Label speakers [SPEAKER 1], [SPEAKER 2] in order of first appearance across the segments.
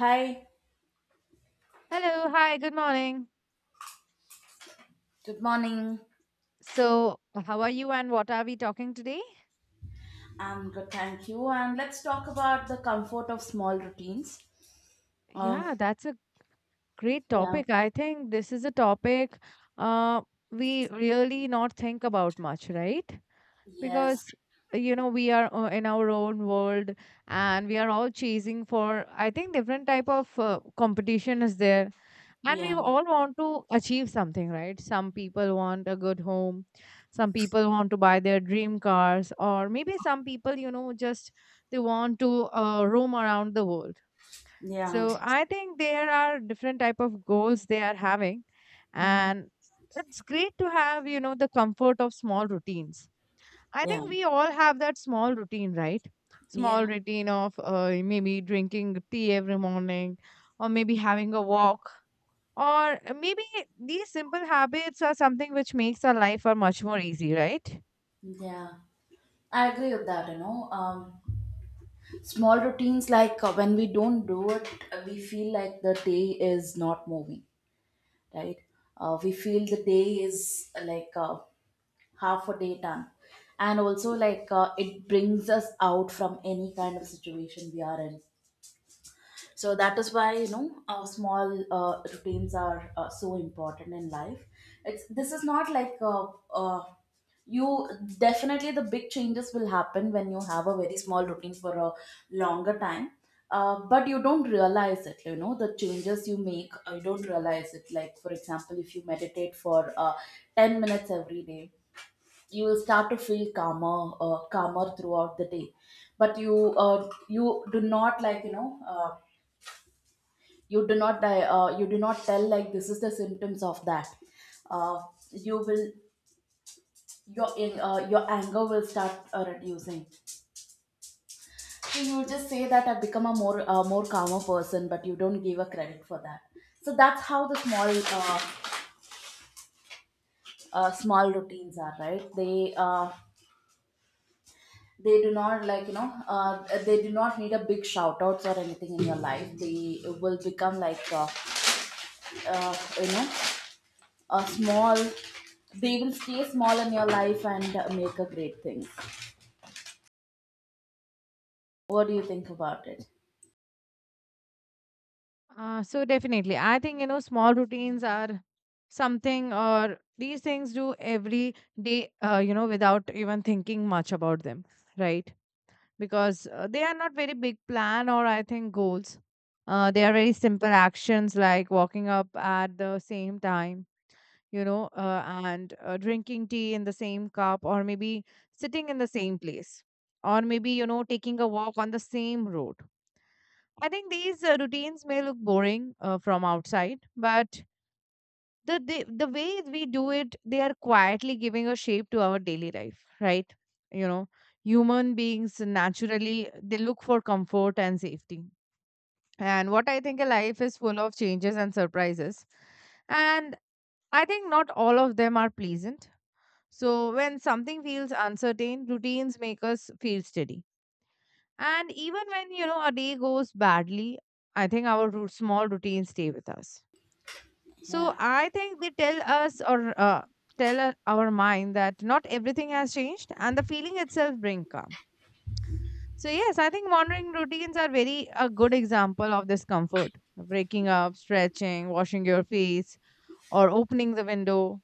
[SPEAKER 1] Hi,
[SPEAKER 2] Hello, hi, good morning.
[SPEAKER 1] good morning.
[SPEAKER 2] So, how are you and what are we talking today?
[SPEAKER 1] I'm good, thank you. And let's talk about the comfort of small routines. Uh,
[SPEAKER 2] Yeah, that's a great
[SPEAKER 1] yeah,
[SPEAKER 2] topic. I think this is a topic uh, we really not think about much, right?
[SPEAKER 1] yes,
[SPEAKER 2] Because you know we are in our own world, and we are all chasing for I think different type of competition is there, and we
[SPEAKER 1] yeah,
[SPEAKER 2] all want to achieve something, right? Some people want a good home, some people want to buy their dream cars, or maybe some people, you know, just they want to roam around the world.
[SPEAKER 1] yeah.
[SPEAKER 2] So I think there are different type of goals they are having,
[SPEAKER 1] Mhm.
[SPEAKER 2] and it's great to have, you know, the comfort of small routines. I
[SPEAKER 1] Yeah,
[SPEAKER 2] think we all have that small routine, right? Small
[SPEAKER 1] yeah,
[SPEAKER 2] routine of maybe drinking tea every morning, or maybe having a walk, or maybe, these simple habits are something which makes our life are much more easy, right?
[SPEAKER 1] yeah. I agree with that. Small routines, like when we don't do it, we feel like the day is not moving, right? We feel the day is like half a day done. And also, like, it brings us out from any kind of situation we are in, so that is why small routines are so important in life. It's this is not like uh, you definitely the big changes will happen when you have a very small routine for a longer time. But you don't realize it, you know, the changes you make, you don't realize it, like for example, if you meditate for 10 minutes every day, you will start to feel calmer throughout the day. But you do not, like, you know, you do not tell like this is the symptoms of that. uh, you will your anger will start reducing. So you just say that I've become a more calmer person, but you don't give a credit for that. So that's how the uh, small routines are, right? They do not, like, you know, they do not need a big shout outs or anything in your life. They will become like you know, a small. They will stay small in your life and make a great things. What do you think about it?
[SPEAKER 2] So definitely, I think, you know, small routines are something or these things do every day, you know, without even thinking much about them, right? Because they are not very big plan or I think goals. They are very simple actions like walking up at the same time, you know, and drinking tea in the same cup, or maybe sitting in the same place, or maybe, you know, taking a walk on the same road. I think these routines may look boring from outside, but the way we do it, they are quietly giving a shape to our daily life, right? You know, human beings naturally, they look for comfort and safety. And what I think a life is full of changes and surprises. And I think not all of them are pleasant. So when something feels uncertain, routines make us feel steady. And even when, you know, a day goes badly, I think our small routines stay with us.
[SPEAKER 1] Yeah.
[SPEAKER 2] So I think they tell us or tell our mind that not everything has changed, and the feeling itself brings calm. So yes, I think morning routines are very a good example of this comfort. Waking up, stretching, washing your face, or opening the window,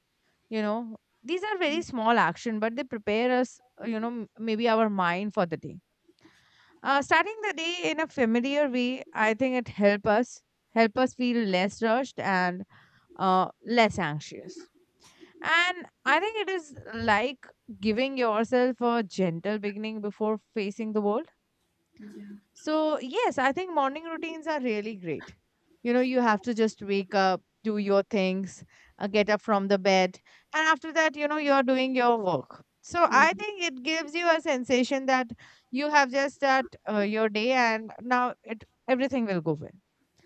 [SPEAKER 2] you know, these are very small action, but they prepare us, you know, maybe our mind for the day. Uh, starting the day in a familiar way, I think it help us, help us feel less rushed and less anxious. And I think it is like giving yourself a gentle beginning before facing the world. So, yes, I think morning routines are really great. You know, you have to just wake up, do your things, get up from the bed, and after that, you know, you're doing your work. So I
[SPEAKER 1] Mhm.
[SPEAKER 2] think it gives you a sensation that you have just that your day, and now it everything will go well.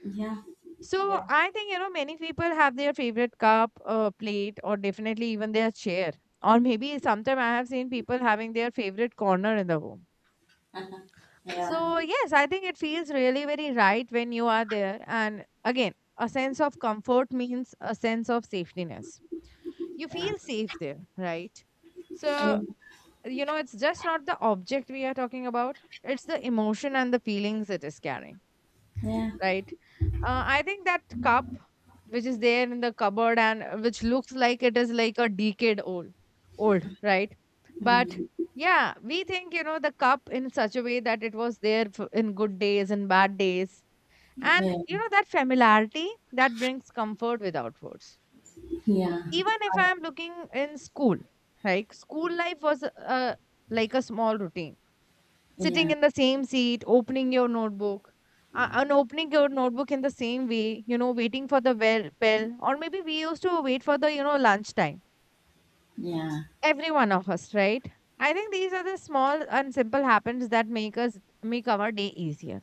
[SPEAKER 1] Yeah.
[SPEAKER 2] So,
[SPEAKER 1] Yeah.
[SPEAKER 2] I think, you know, many people have their favorite cup, plate, or definitely even their chair. Or maybe sometime I have seen people having their favorite corner in the home.
[SPEAKER 1] Yeah.
[SPEAKER 2] So, yes, I think it feels really very right when you are there. And again, a sense of comfort means a sense of safetyness. You feel safe there, right? So,
[SPEAKER 1] And
[SPEAKER 2] you know, it's just not the object we are talking about, it's the emotion and the feelings it is carrying,
[SPEAKER 1] yeah.
[SPEAKER 2] right? I think that cup, which is there in the cupboard, and which looks like it is like a decade old, old, right? But yeah, we think, you know, the cup in such a way that it was there in good days and bad days. And,
[SPEAKER 1] Yeah.
[SPEAKER 2] you know, that familiarity that brings comfort without words.
[SPEAKER 1] Yeah.
[SPEAKER 2] Even if I'm looking in school, like school life was like a small routine, sitting
[SPEAKER 1] Yeah.
[SPEAKER 2] in the same seat, opening your notebook, and opening your notebook in the same way, you know, waiting for the well bell, or maybe we used to wait for the, you know, lunchtime.
[SPEAKER 1] Yeah.
[SPEAKER 2] Every one of us, right? I think these are the small and simple habits that make us make our day easier.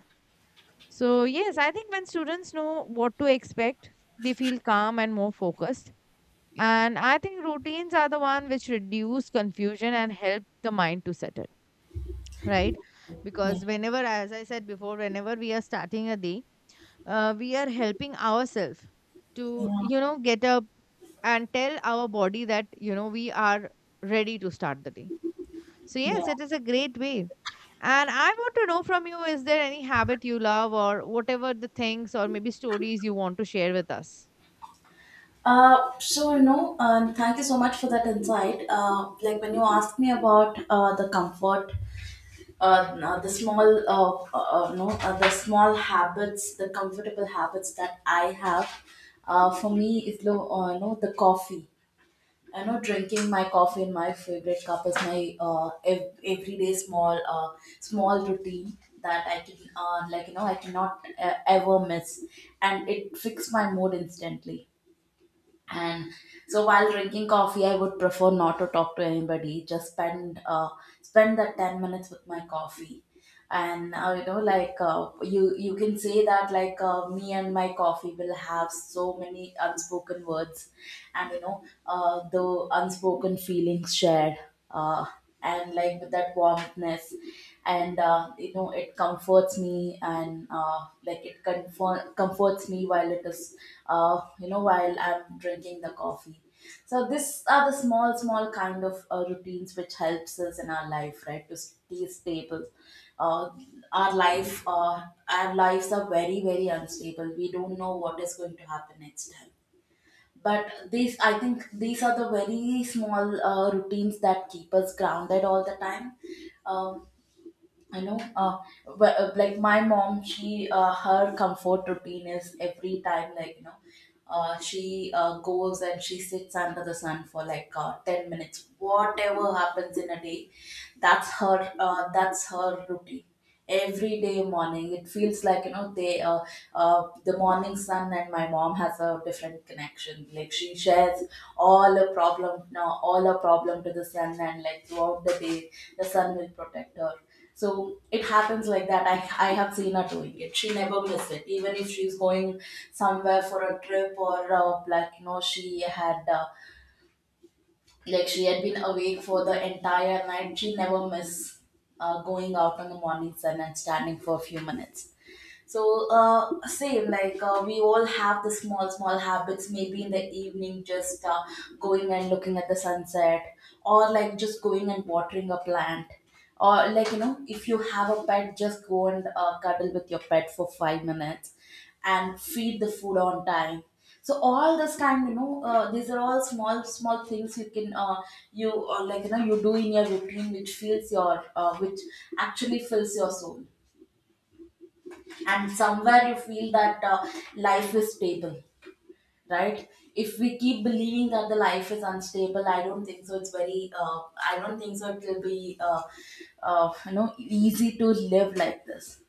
[SPEAKER 2] So yes, I think when students know what to expect, they feel calm and more focused. And I think routines are the one which reduce confusion and help the mind to settle. Right?
[SPEAKER 1] Yeah.
[SPEAKER 2] Because whenever, as I said before, whenever we are starting a day, we are helping ourselves to,
[SPEAKER 1] Yeah.
[SPEAKER 2] you know, get up, and tell our body that, you know, we are ready to start the day. So
[SPEAKER 1] Yeah.
[SPEAKER 2] yes, it is a great way. And I want to know from you, is there any habit you love, or whatever the things or maybe stories you want to share with us?
[SPEAKER 1] Thank you so much for that insight. Like when you asked me about the comfort, no, the small, no, the small habits, the comfortable habits that I have. For me it's you know, the coffee. I know drinking my coffee in my favorite cup is my everyday small, small routine that I can, like, you know, I cannot ever miss, and it fixes my mood instantly. And so while drinking coffee, I would prefer not to talk to anybody, just spend that 10 minutes with my coffee. And, you know, like, you can say that, like, me and my coffee will have so many unspoken words, and you know, the unspoken feelings shared, uh, and like, with that warmthness, and you know, it comforts me, and like, it comforts me while it is, you know, while I'm drinking the coffee. So these are the small small kind of routines which helps us in our life, right, to stay stable. uh, our life uh, our lives are very very unstable. We don't know what is going to happen next time. But these, I think, these are the very small routines that keep us grounded all the time. Um I know, but like, my mom, she her comfort routine is, every time, like you know, she goes and she sits under the sun for like 10 minutes. Whatever happens in a day, that's her. That's her routine. Every day morning, it feels like, you know, the morning sun and my mom has a different connection. Like she shares all her problem, no, all her problem to the sun, and like throughout the day, the sun will protect her, so it happens like that. I have seen her doing it. She never missed it. Even if she's going somewhere for a trip or, like, you know, like she had been awake for the entire night, she never miss going out in the morning sun and standing for a few minutes. So, same like, we all have the small small habits. Maybe in the evening, just going and looking at the sunset, or like just going and watering a plant, or like, you know, if you have a pet, just go and cuddle with your pet for 5 minutes, and feed the food on time. So all this time, you know, these are all small small things you can, you like, you know, you do in your routine, which feels your, which actually fills your soul, and somewhere you feel that life is stable, right? If we keep believing that the life is unstable, I don't think so it will be you know, easy to live like this.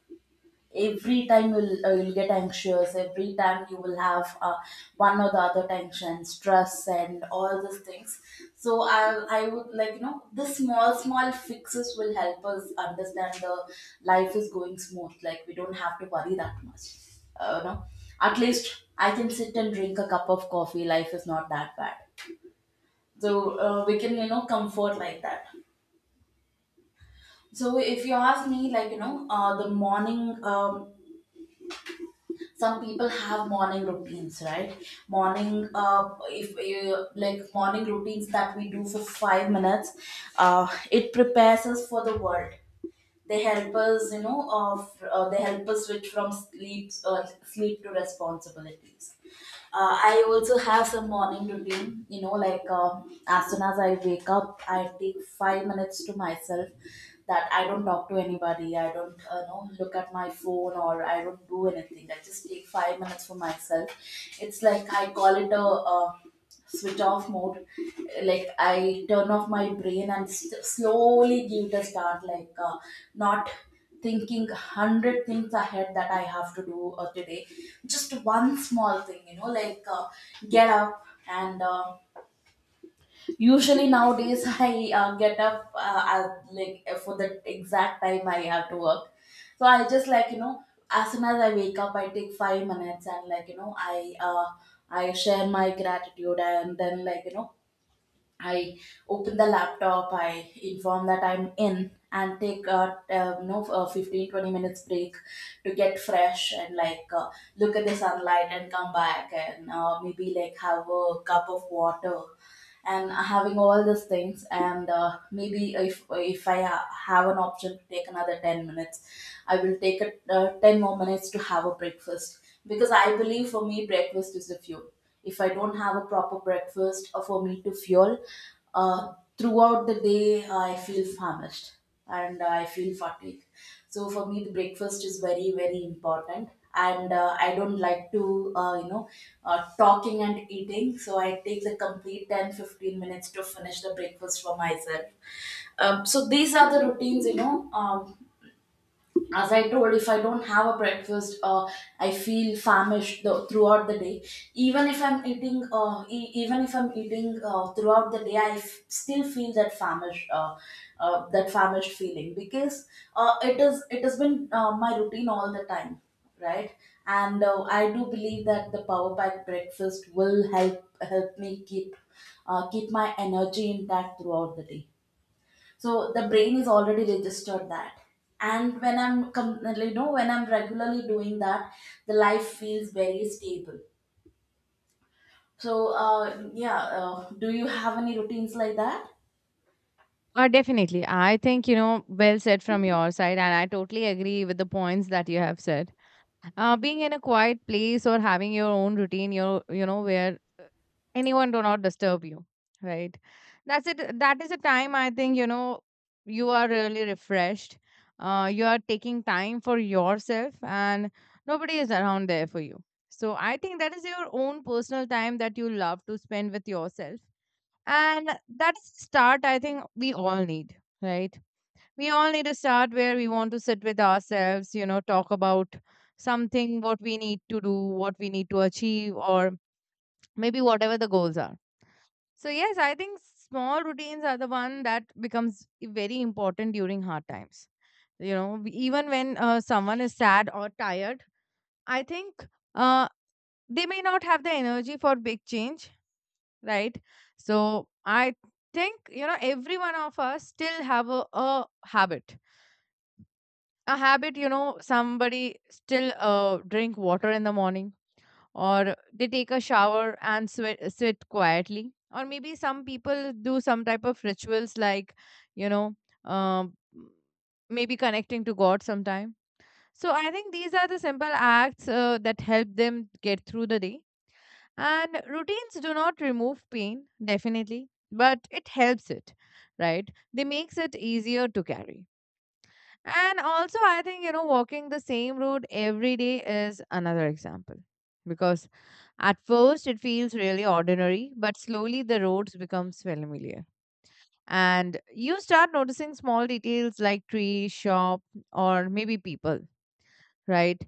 [SPEAKER 1] Every time you'll get anxious, every time you will have, one or the other, tension, stress, and all these things. So I would, like, you know, the small small fixes will help us understand the life is going smooth, like we don't have to worry that much. You know, at least I can sit and drink a cup of coffee. Life is not that bad. So, we can, you know, comfort like that. So if you ask me, like, you know, the morning, some people have morning routines, right? morning If you like morning routines that we do for 5 minutes, it prepares us for the world. They help us, you know, of they help us switch from sleep to responsibilities. I also have some morning routine, you know, like, as soon as I wake up, I take 5 minutes to myself, that I don't talk to anybody, I don't, know, look at my phone, or I don't do anything. I just take 5 minutes for myself. It's like I call it a, switch off mode, like I turn off my brain and slowly give it a start. Like, not thinking 100 things ahead that I have to do today. Just one small thing, you know, like, get up, and usually nowadays I get up at, like, for the exact time I have to work. So I just, like, you know, as soon as I wake up, I take 5 minutes, and, like, you know, I share my gratitude, and then, like, you know, I open the laptop, I inform that I'm in, and take a, no 15-20 minutes break to get fresh, and like, look at the sunlight and come back, and, maybe like, have a cup of water, and having all these things, and, maybe if I ha- have an option to take another 10 minutes, I will take it, 10 more minutes to have a breakfast. Because I believe, for me, breakfast is the fuel. If I don't have a proper breakfast, for me to fuel throughout the day, I feel famished, and I feel fatigue. So for me, the breakfast is very very important, and I don't like to, you know, talking and eating. So I take the complete 10-15 minutes to finish the breakfast for myself. So these are the routines, you know, um, as I told, if I don't have a breakfast, I feel famished, the, throughout the day. Even if I'm eating, even if I'm eating throughout the day, still feel that famished feeling, because it has been my routine all the time, right? And I do believe that the power pack breakfast will help me keep, keep my energy intact throughout the day, so the brain is already registered that. And when you know, when I'm regularly doing that, the life feels very stable. So, yeah, do you have any routines like that?
[SPEAKER 2] Definitely. I think, you know, well said from your side. And I totally agree with the points that you have said. Being in a quiet place or having your own routine, your, you know, where anyone do not disturb you, right? That's it, that is a time, I think, you know, you are really refreshed. Uh, you are taking time for yourself, and nobody is around there for you. So I think that is your own personal time that you love to spend with yourself. And that's start, I think, we all need, right? We all need to start where we want to sit with ourselves, you know, talk about something what we need to do, what we need to achieve, or maybe whatever the goals are. So yes, I think small routines are the one that becomes very important during hard times. You know, even when someone is sad or tired, I think, uh, they may not have the energy for big change, right? So I think, you know, every one of us still have a habit. A habit, you know, somebody still drink water in the morning, or they take a shower and sweat sit quietly, or maybe some people do some type of rituals, like, you know, um, maybe connecting to God sometime. So I think these are the simple acts that help them get through the day. And routines do not remove pain, definitely, but it helps it, right? They makes it easier to carry. And also, I think, you know, walking the same road every day is another example. Because at first it feels really ordinary, but slowly the roads becomes familiar. And you start noticing small details like tree, shop, or maybe people, right?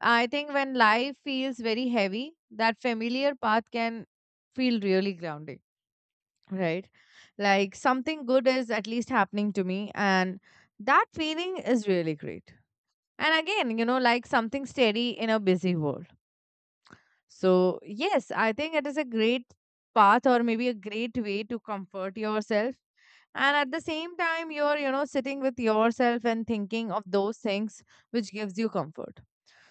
[SPEAKER 2] I think when life feels very heavy, that familiar path can feel really grounding, right? Like something good is at least happening to me, and that feeling is really great. And again, you know, like something steady in a busy world. So, yes, I think it is a great path or maybe a great way to comfort yourself. And at the same time, you're, you know, sitting with yourself and thinking of those things which gives you comfort.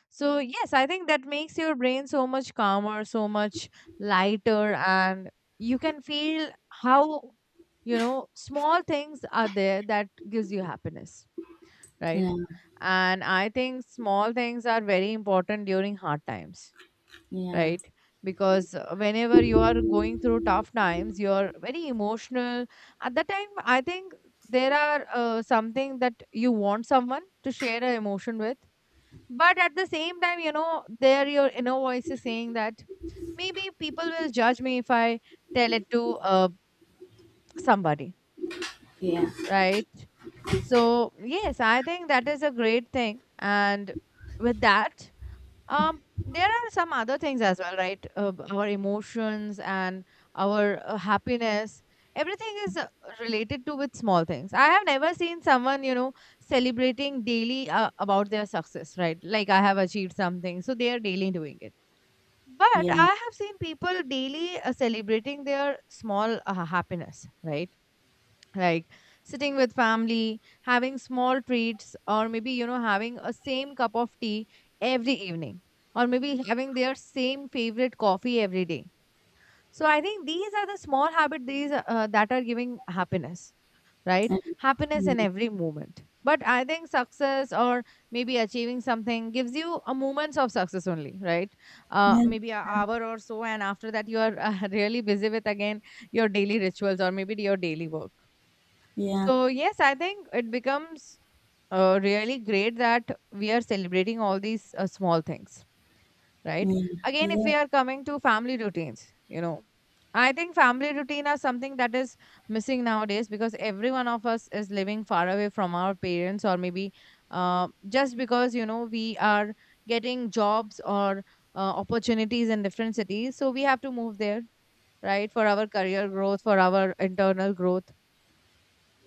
[SPEAKER 2] So, yes, I think that makes your brain so much calmer, so much lighter, and you can feel how, you know, small things are there that gives you happiness, right? And I think small things are very important during hard times,
[SPEAKER 1] Yeah, yeah,
[SPEAKER 2] right? Because whenever you are going through tough times, you're very emotional. At that time, I think there are something that you want someone to share an emotion with. But at the same time, you know, there your inner voice is saying that maybe people will judge me if I tell it to somebody,
[SPEAKER 1] yeah,
[SPEAKER 2] right? So, yes, I think that is a great thing. And with that, um, there are some other things as well, right? Our emotions and our happiness. Everything is related to with small things. I have never seen someone, you know, celebrating daily about their success, right? Like I have achieved something, so they are daily doing it. But
[SPEAKER 1] yeah,
[SPEAKER 2] I have seen people daily celebrating their small happiness, right? Like sitting with family having small treats, or maybe, you know, having a same cup of tea every evening, or maybe having their same favorite coffee every day. So I think these are the small habits, these that are giving happiness, right?
[SPEAKER 1] and-
[SPEAKER 2] Happiness
[SPEAKER 1] yeah,
[SPEAKER 2] in every moment. But I think success or maybe achieving something gives you a moments of success only, right? Uh,
[SPEAKER 1] yeah, yeah, yeah,
[SPEAKER 2] maybe an hour or so, and after that you are, really busy with again your daily rituals or maybe your daily work.
[SPEAKER 1] yeah.
[SPEAKER 2] So yes, I think it becomes really great that we are celebrating all these small things, right?
[SPEAKER 1] Mm.
[SPEAKER 2] Again, if we are coming to family routines, you know, I think family routine are something that is missing nowadays, because every one of us is living far away from our parents, or maybe just because, you know, we are getting jobs or opportunities in different cities, so we have to move there, right, for our career growth, for our internal growth.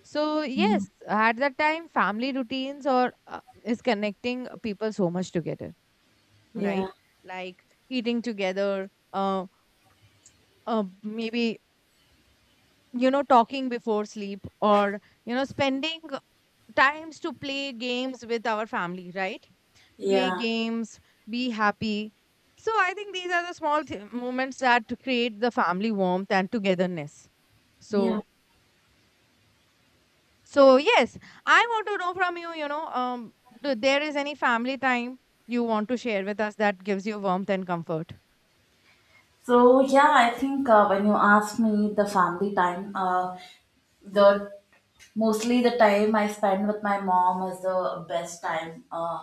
[SPEAKER 2] So yes, at that time, family routines or is connecting people so much together,
[SPEAKER 1] Yeah,
[SPEAKER 2] right? Like eating together, maybe, you know, talking before sleep, or, you know, spending times to play games with our family, right? Play
[SPEAKER 1] yeah,
[SPEAKER 2] games, be happy. So I think these are the small moments that create the family warmth and togetherness. So,
[SPEAKER 1] yeah.
[SPEAKER 2] so yes, I want to know from you, you know, do there is any family time you want to share with us that gives you warmth and comfort?
[SPEAKER 1] So yeah, I think, when you ask me the family time, the mostly the time I spend with my mom is the best time.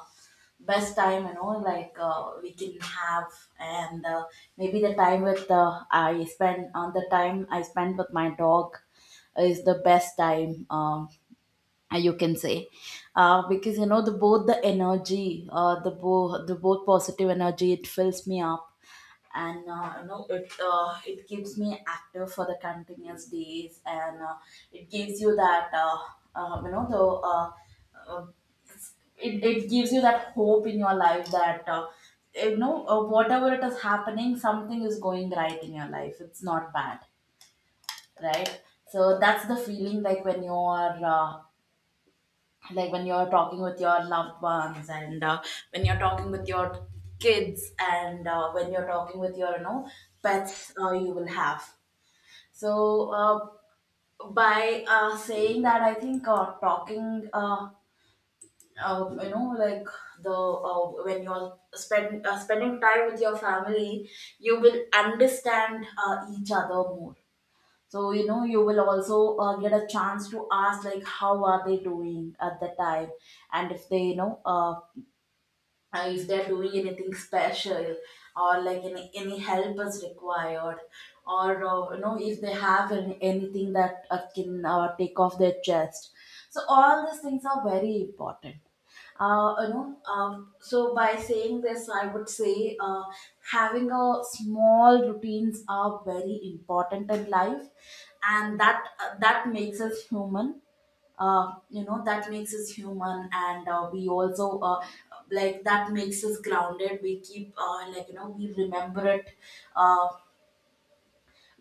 [SPEAKER 1] Best time, you know, like, we can have. And, maybe the time with I spend on the time I spend with my dog is the best time, you can say, because you know, the both the energy, the both positive energy, it fills me up. And, you know, it keeps me active for the continuous days, and, it gives you that, you know, the, uh, uh, it gives you that hope in your life, that, you know, whatever it is happening, something is going right in your life. It's not bad, right? So that's the feeling, like when you are, like when you're talking with your loved ones, and, when you're talking with your kids, and, when you're talking with your, you know, pets, you will have. So, uh, by, saying that, I think, talking, you know, like, the, when spending time with your family, you will understand, each other more. So you know, you will also, get a chance to ask, like, how are they doing at the time, and if they, you know, if they're doing anything special, or like any help is required, or, you know, if they have anything that, can, take off their chest. So all these things are very important, you know, so by saying this, I would say, having a small routines are very important in life. And that makes us human, you know, that makes us human, and, we also, like, that makes us grounded. We keep, like, you know, we remember it, uh,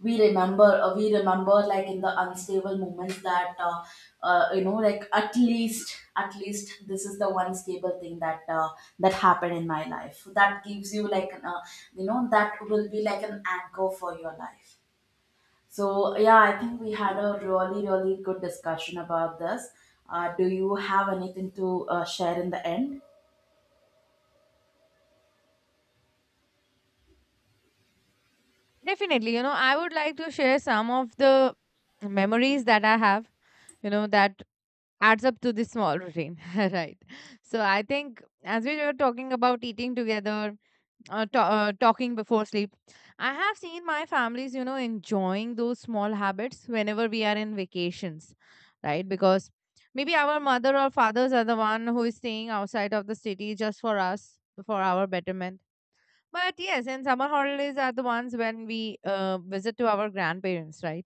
[SPEAKER 1] we remember, like, in the unstable moments, that, you know, like, at least this is the one stable thing that, that happened in my life, that gives you like an, you know, that will be like an anchor for your life. So, yeah, I think we had a really, really good discussion about this. Do you have anything to share in the end?
[SPEAKER 2] Definitely, you know, I would like to share some of the memories that I have, you know, that adds up to this small routine, right? So I think, as we were talking about eating together, ta talking before sleep. I have seen my families, you know, enjoying those small habits whenever we are in vacations, right? Because maybe our mother or fathers are the one who is staying outside of the city just for us, for our betterment. But yes, and summer holidays are the ones when we visit to our grandparents, right?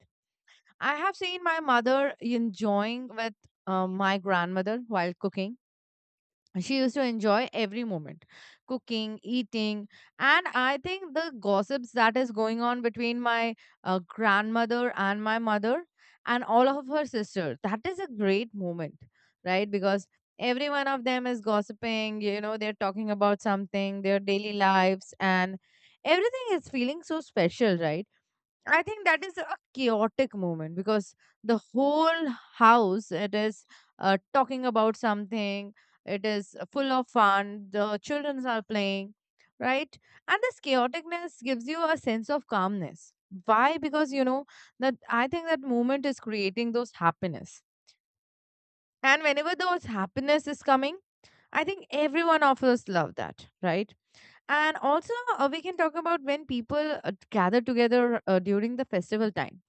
[SPEAKER 2] I have seen my mother enjoying with my grandmother while cooking. She used to enjoy every moment, cooking, eating. And I think the gossips that is going on between my grandmother and my mother and all of her sisters, that is a great moment, right? Because every one of them is gossiping, you know, they're talking about something, their daily lives, and everything is feeling so special, right? I think that is a chaotic moment, because the whole house it is talking about something. It is full of fun. The children are playing, right? And this chaoticness gives you a sense of calmness. Why? Because you know that I think that moment is creating those happiness. And whenever those happiness is coming, I think everyone of us love that, right? And also, we can talk about when people gather together during the festival time.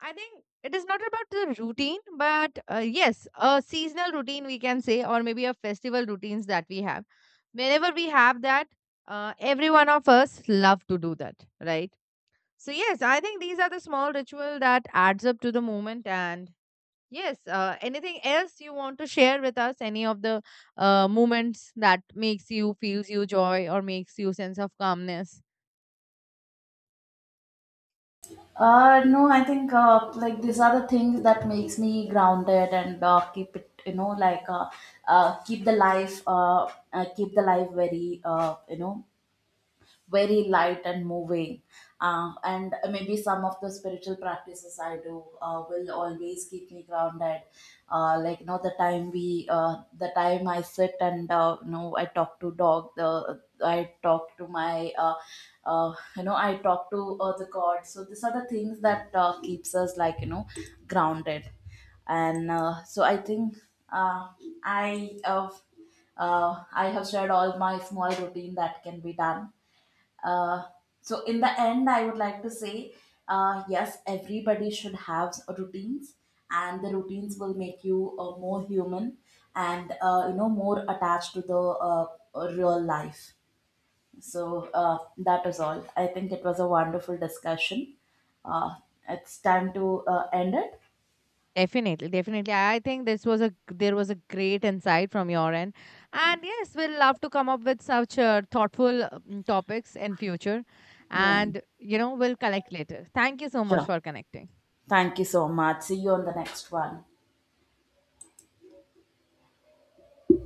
[SPEAKER 2] I think it is not about the routine, but yes, a seasonal routine we can say, or maybe a festival routines that we have. Whenever we have that, every one of us love to do that, right? So yes, I think these are the small ritual that adds up to the moment. And yes, anything else you want to share with us? Any of the moments that makes you feels you joy or makes you sense of calmness?
[SPEAKER 1] No, I think, like, these are the things that makes me grounded and, keep it, you know, like, keep the life very, you know, very light and moving. And maybe some of the spiritual practices I do will always keep me grounded. Like, you know, the time I sit and, you know, I talk to dog. The I talk to my, you know, I talk to, the God. So these are the things that, keeps us, like, you know, grounded. And, so I think, uh, I uh, I have shared all my small routine that can be done. uh, so in the end, I would like to say, yes, everybody should have routines, and the routines will make you, more human, and, you know, more attached to the, real life. So, that is all. I think it was a wonderful discussion. uh, it's time to end it.
[SPEAKER 2] Definitely, definitely. I think this was a there was a great insight from your end, and yes, we'll love to come up with such thoughtful topics in future,
[SPEAKER 1] Yeah,
[SPEAKER 2] and you know we'll collect later. Thank you so much
[SPEAKER 1] sure.
[SPEAKER 2] for connecting.
[SPEAKER 1] Thank you so much. See you on the next one.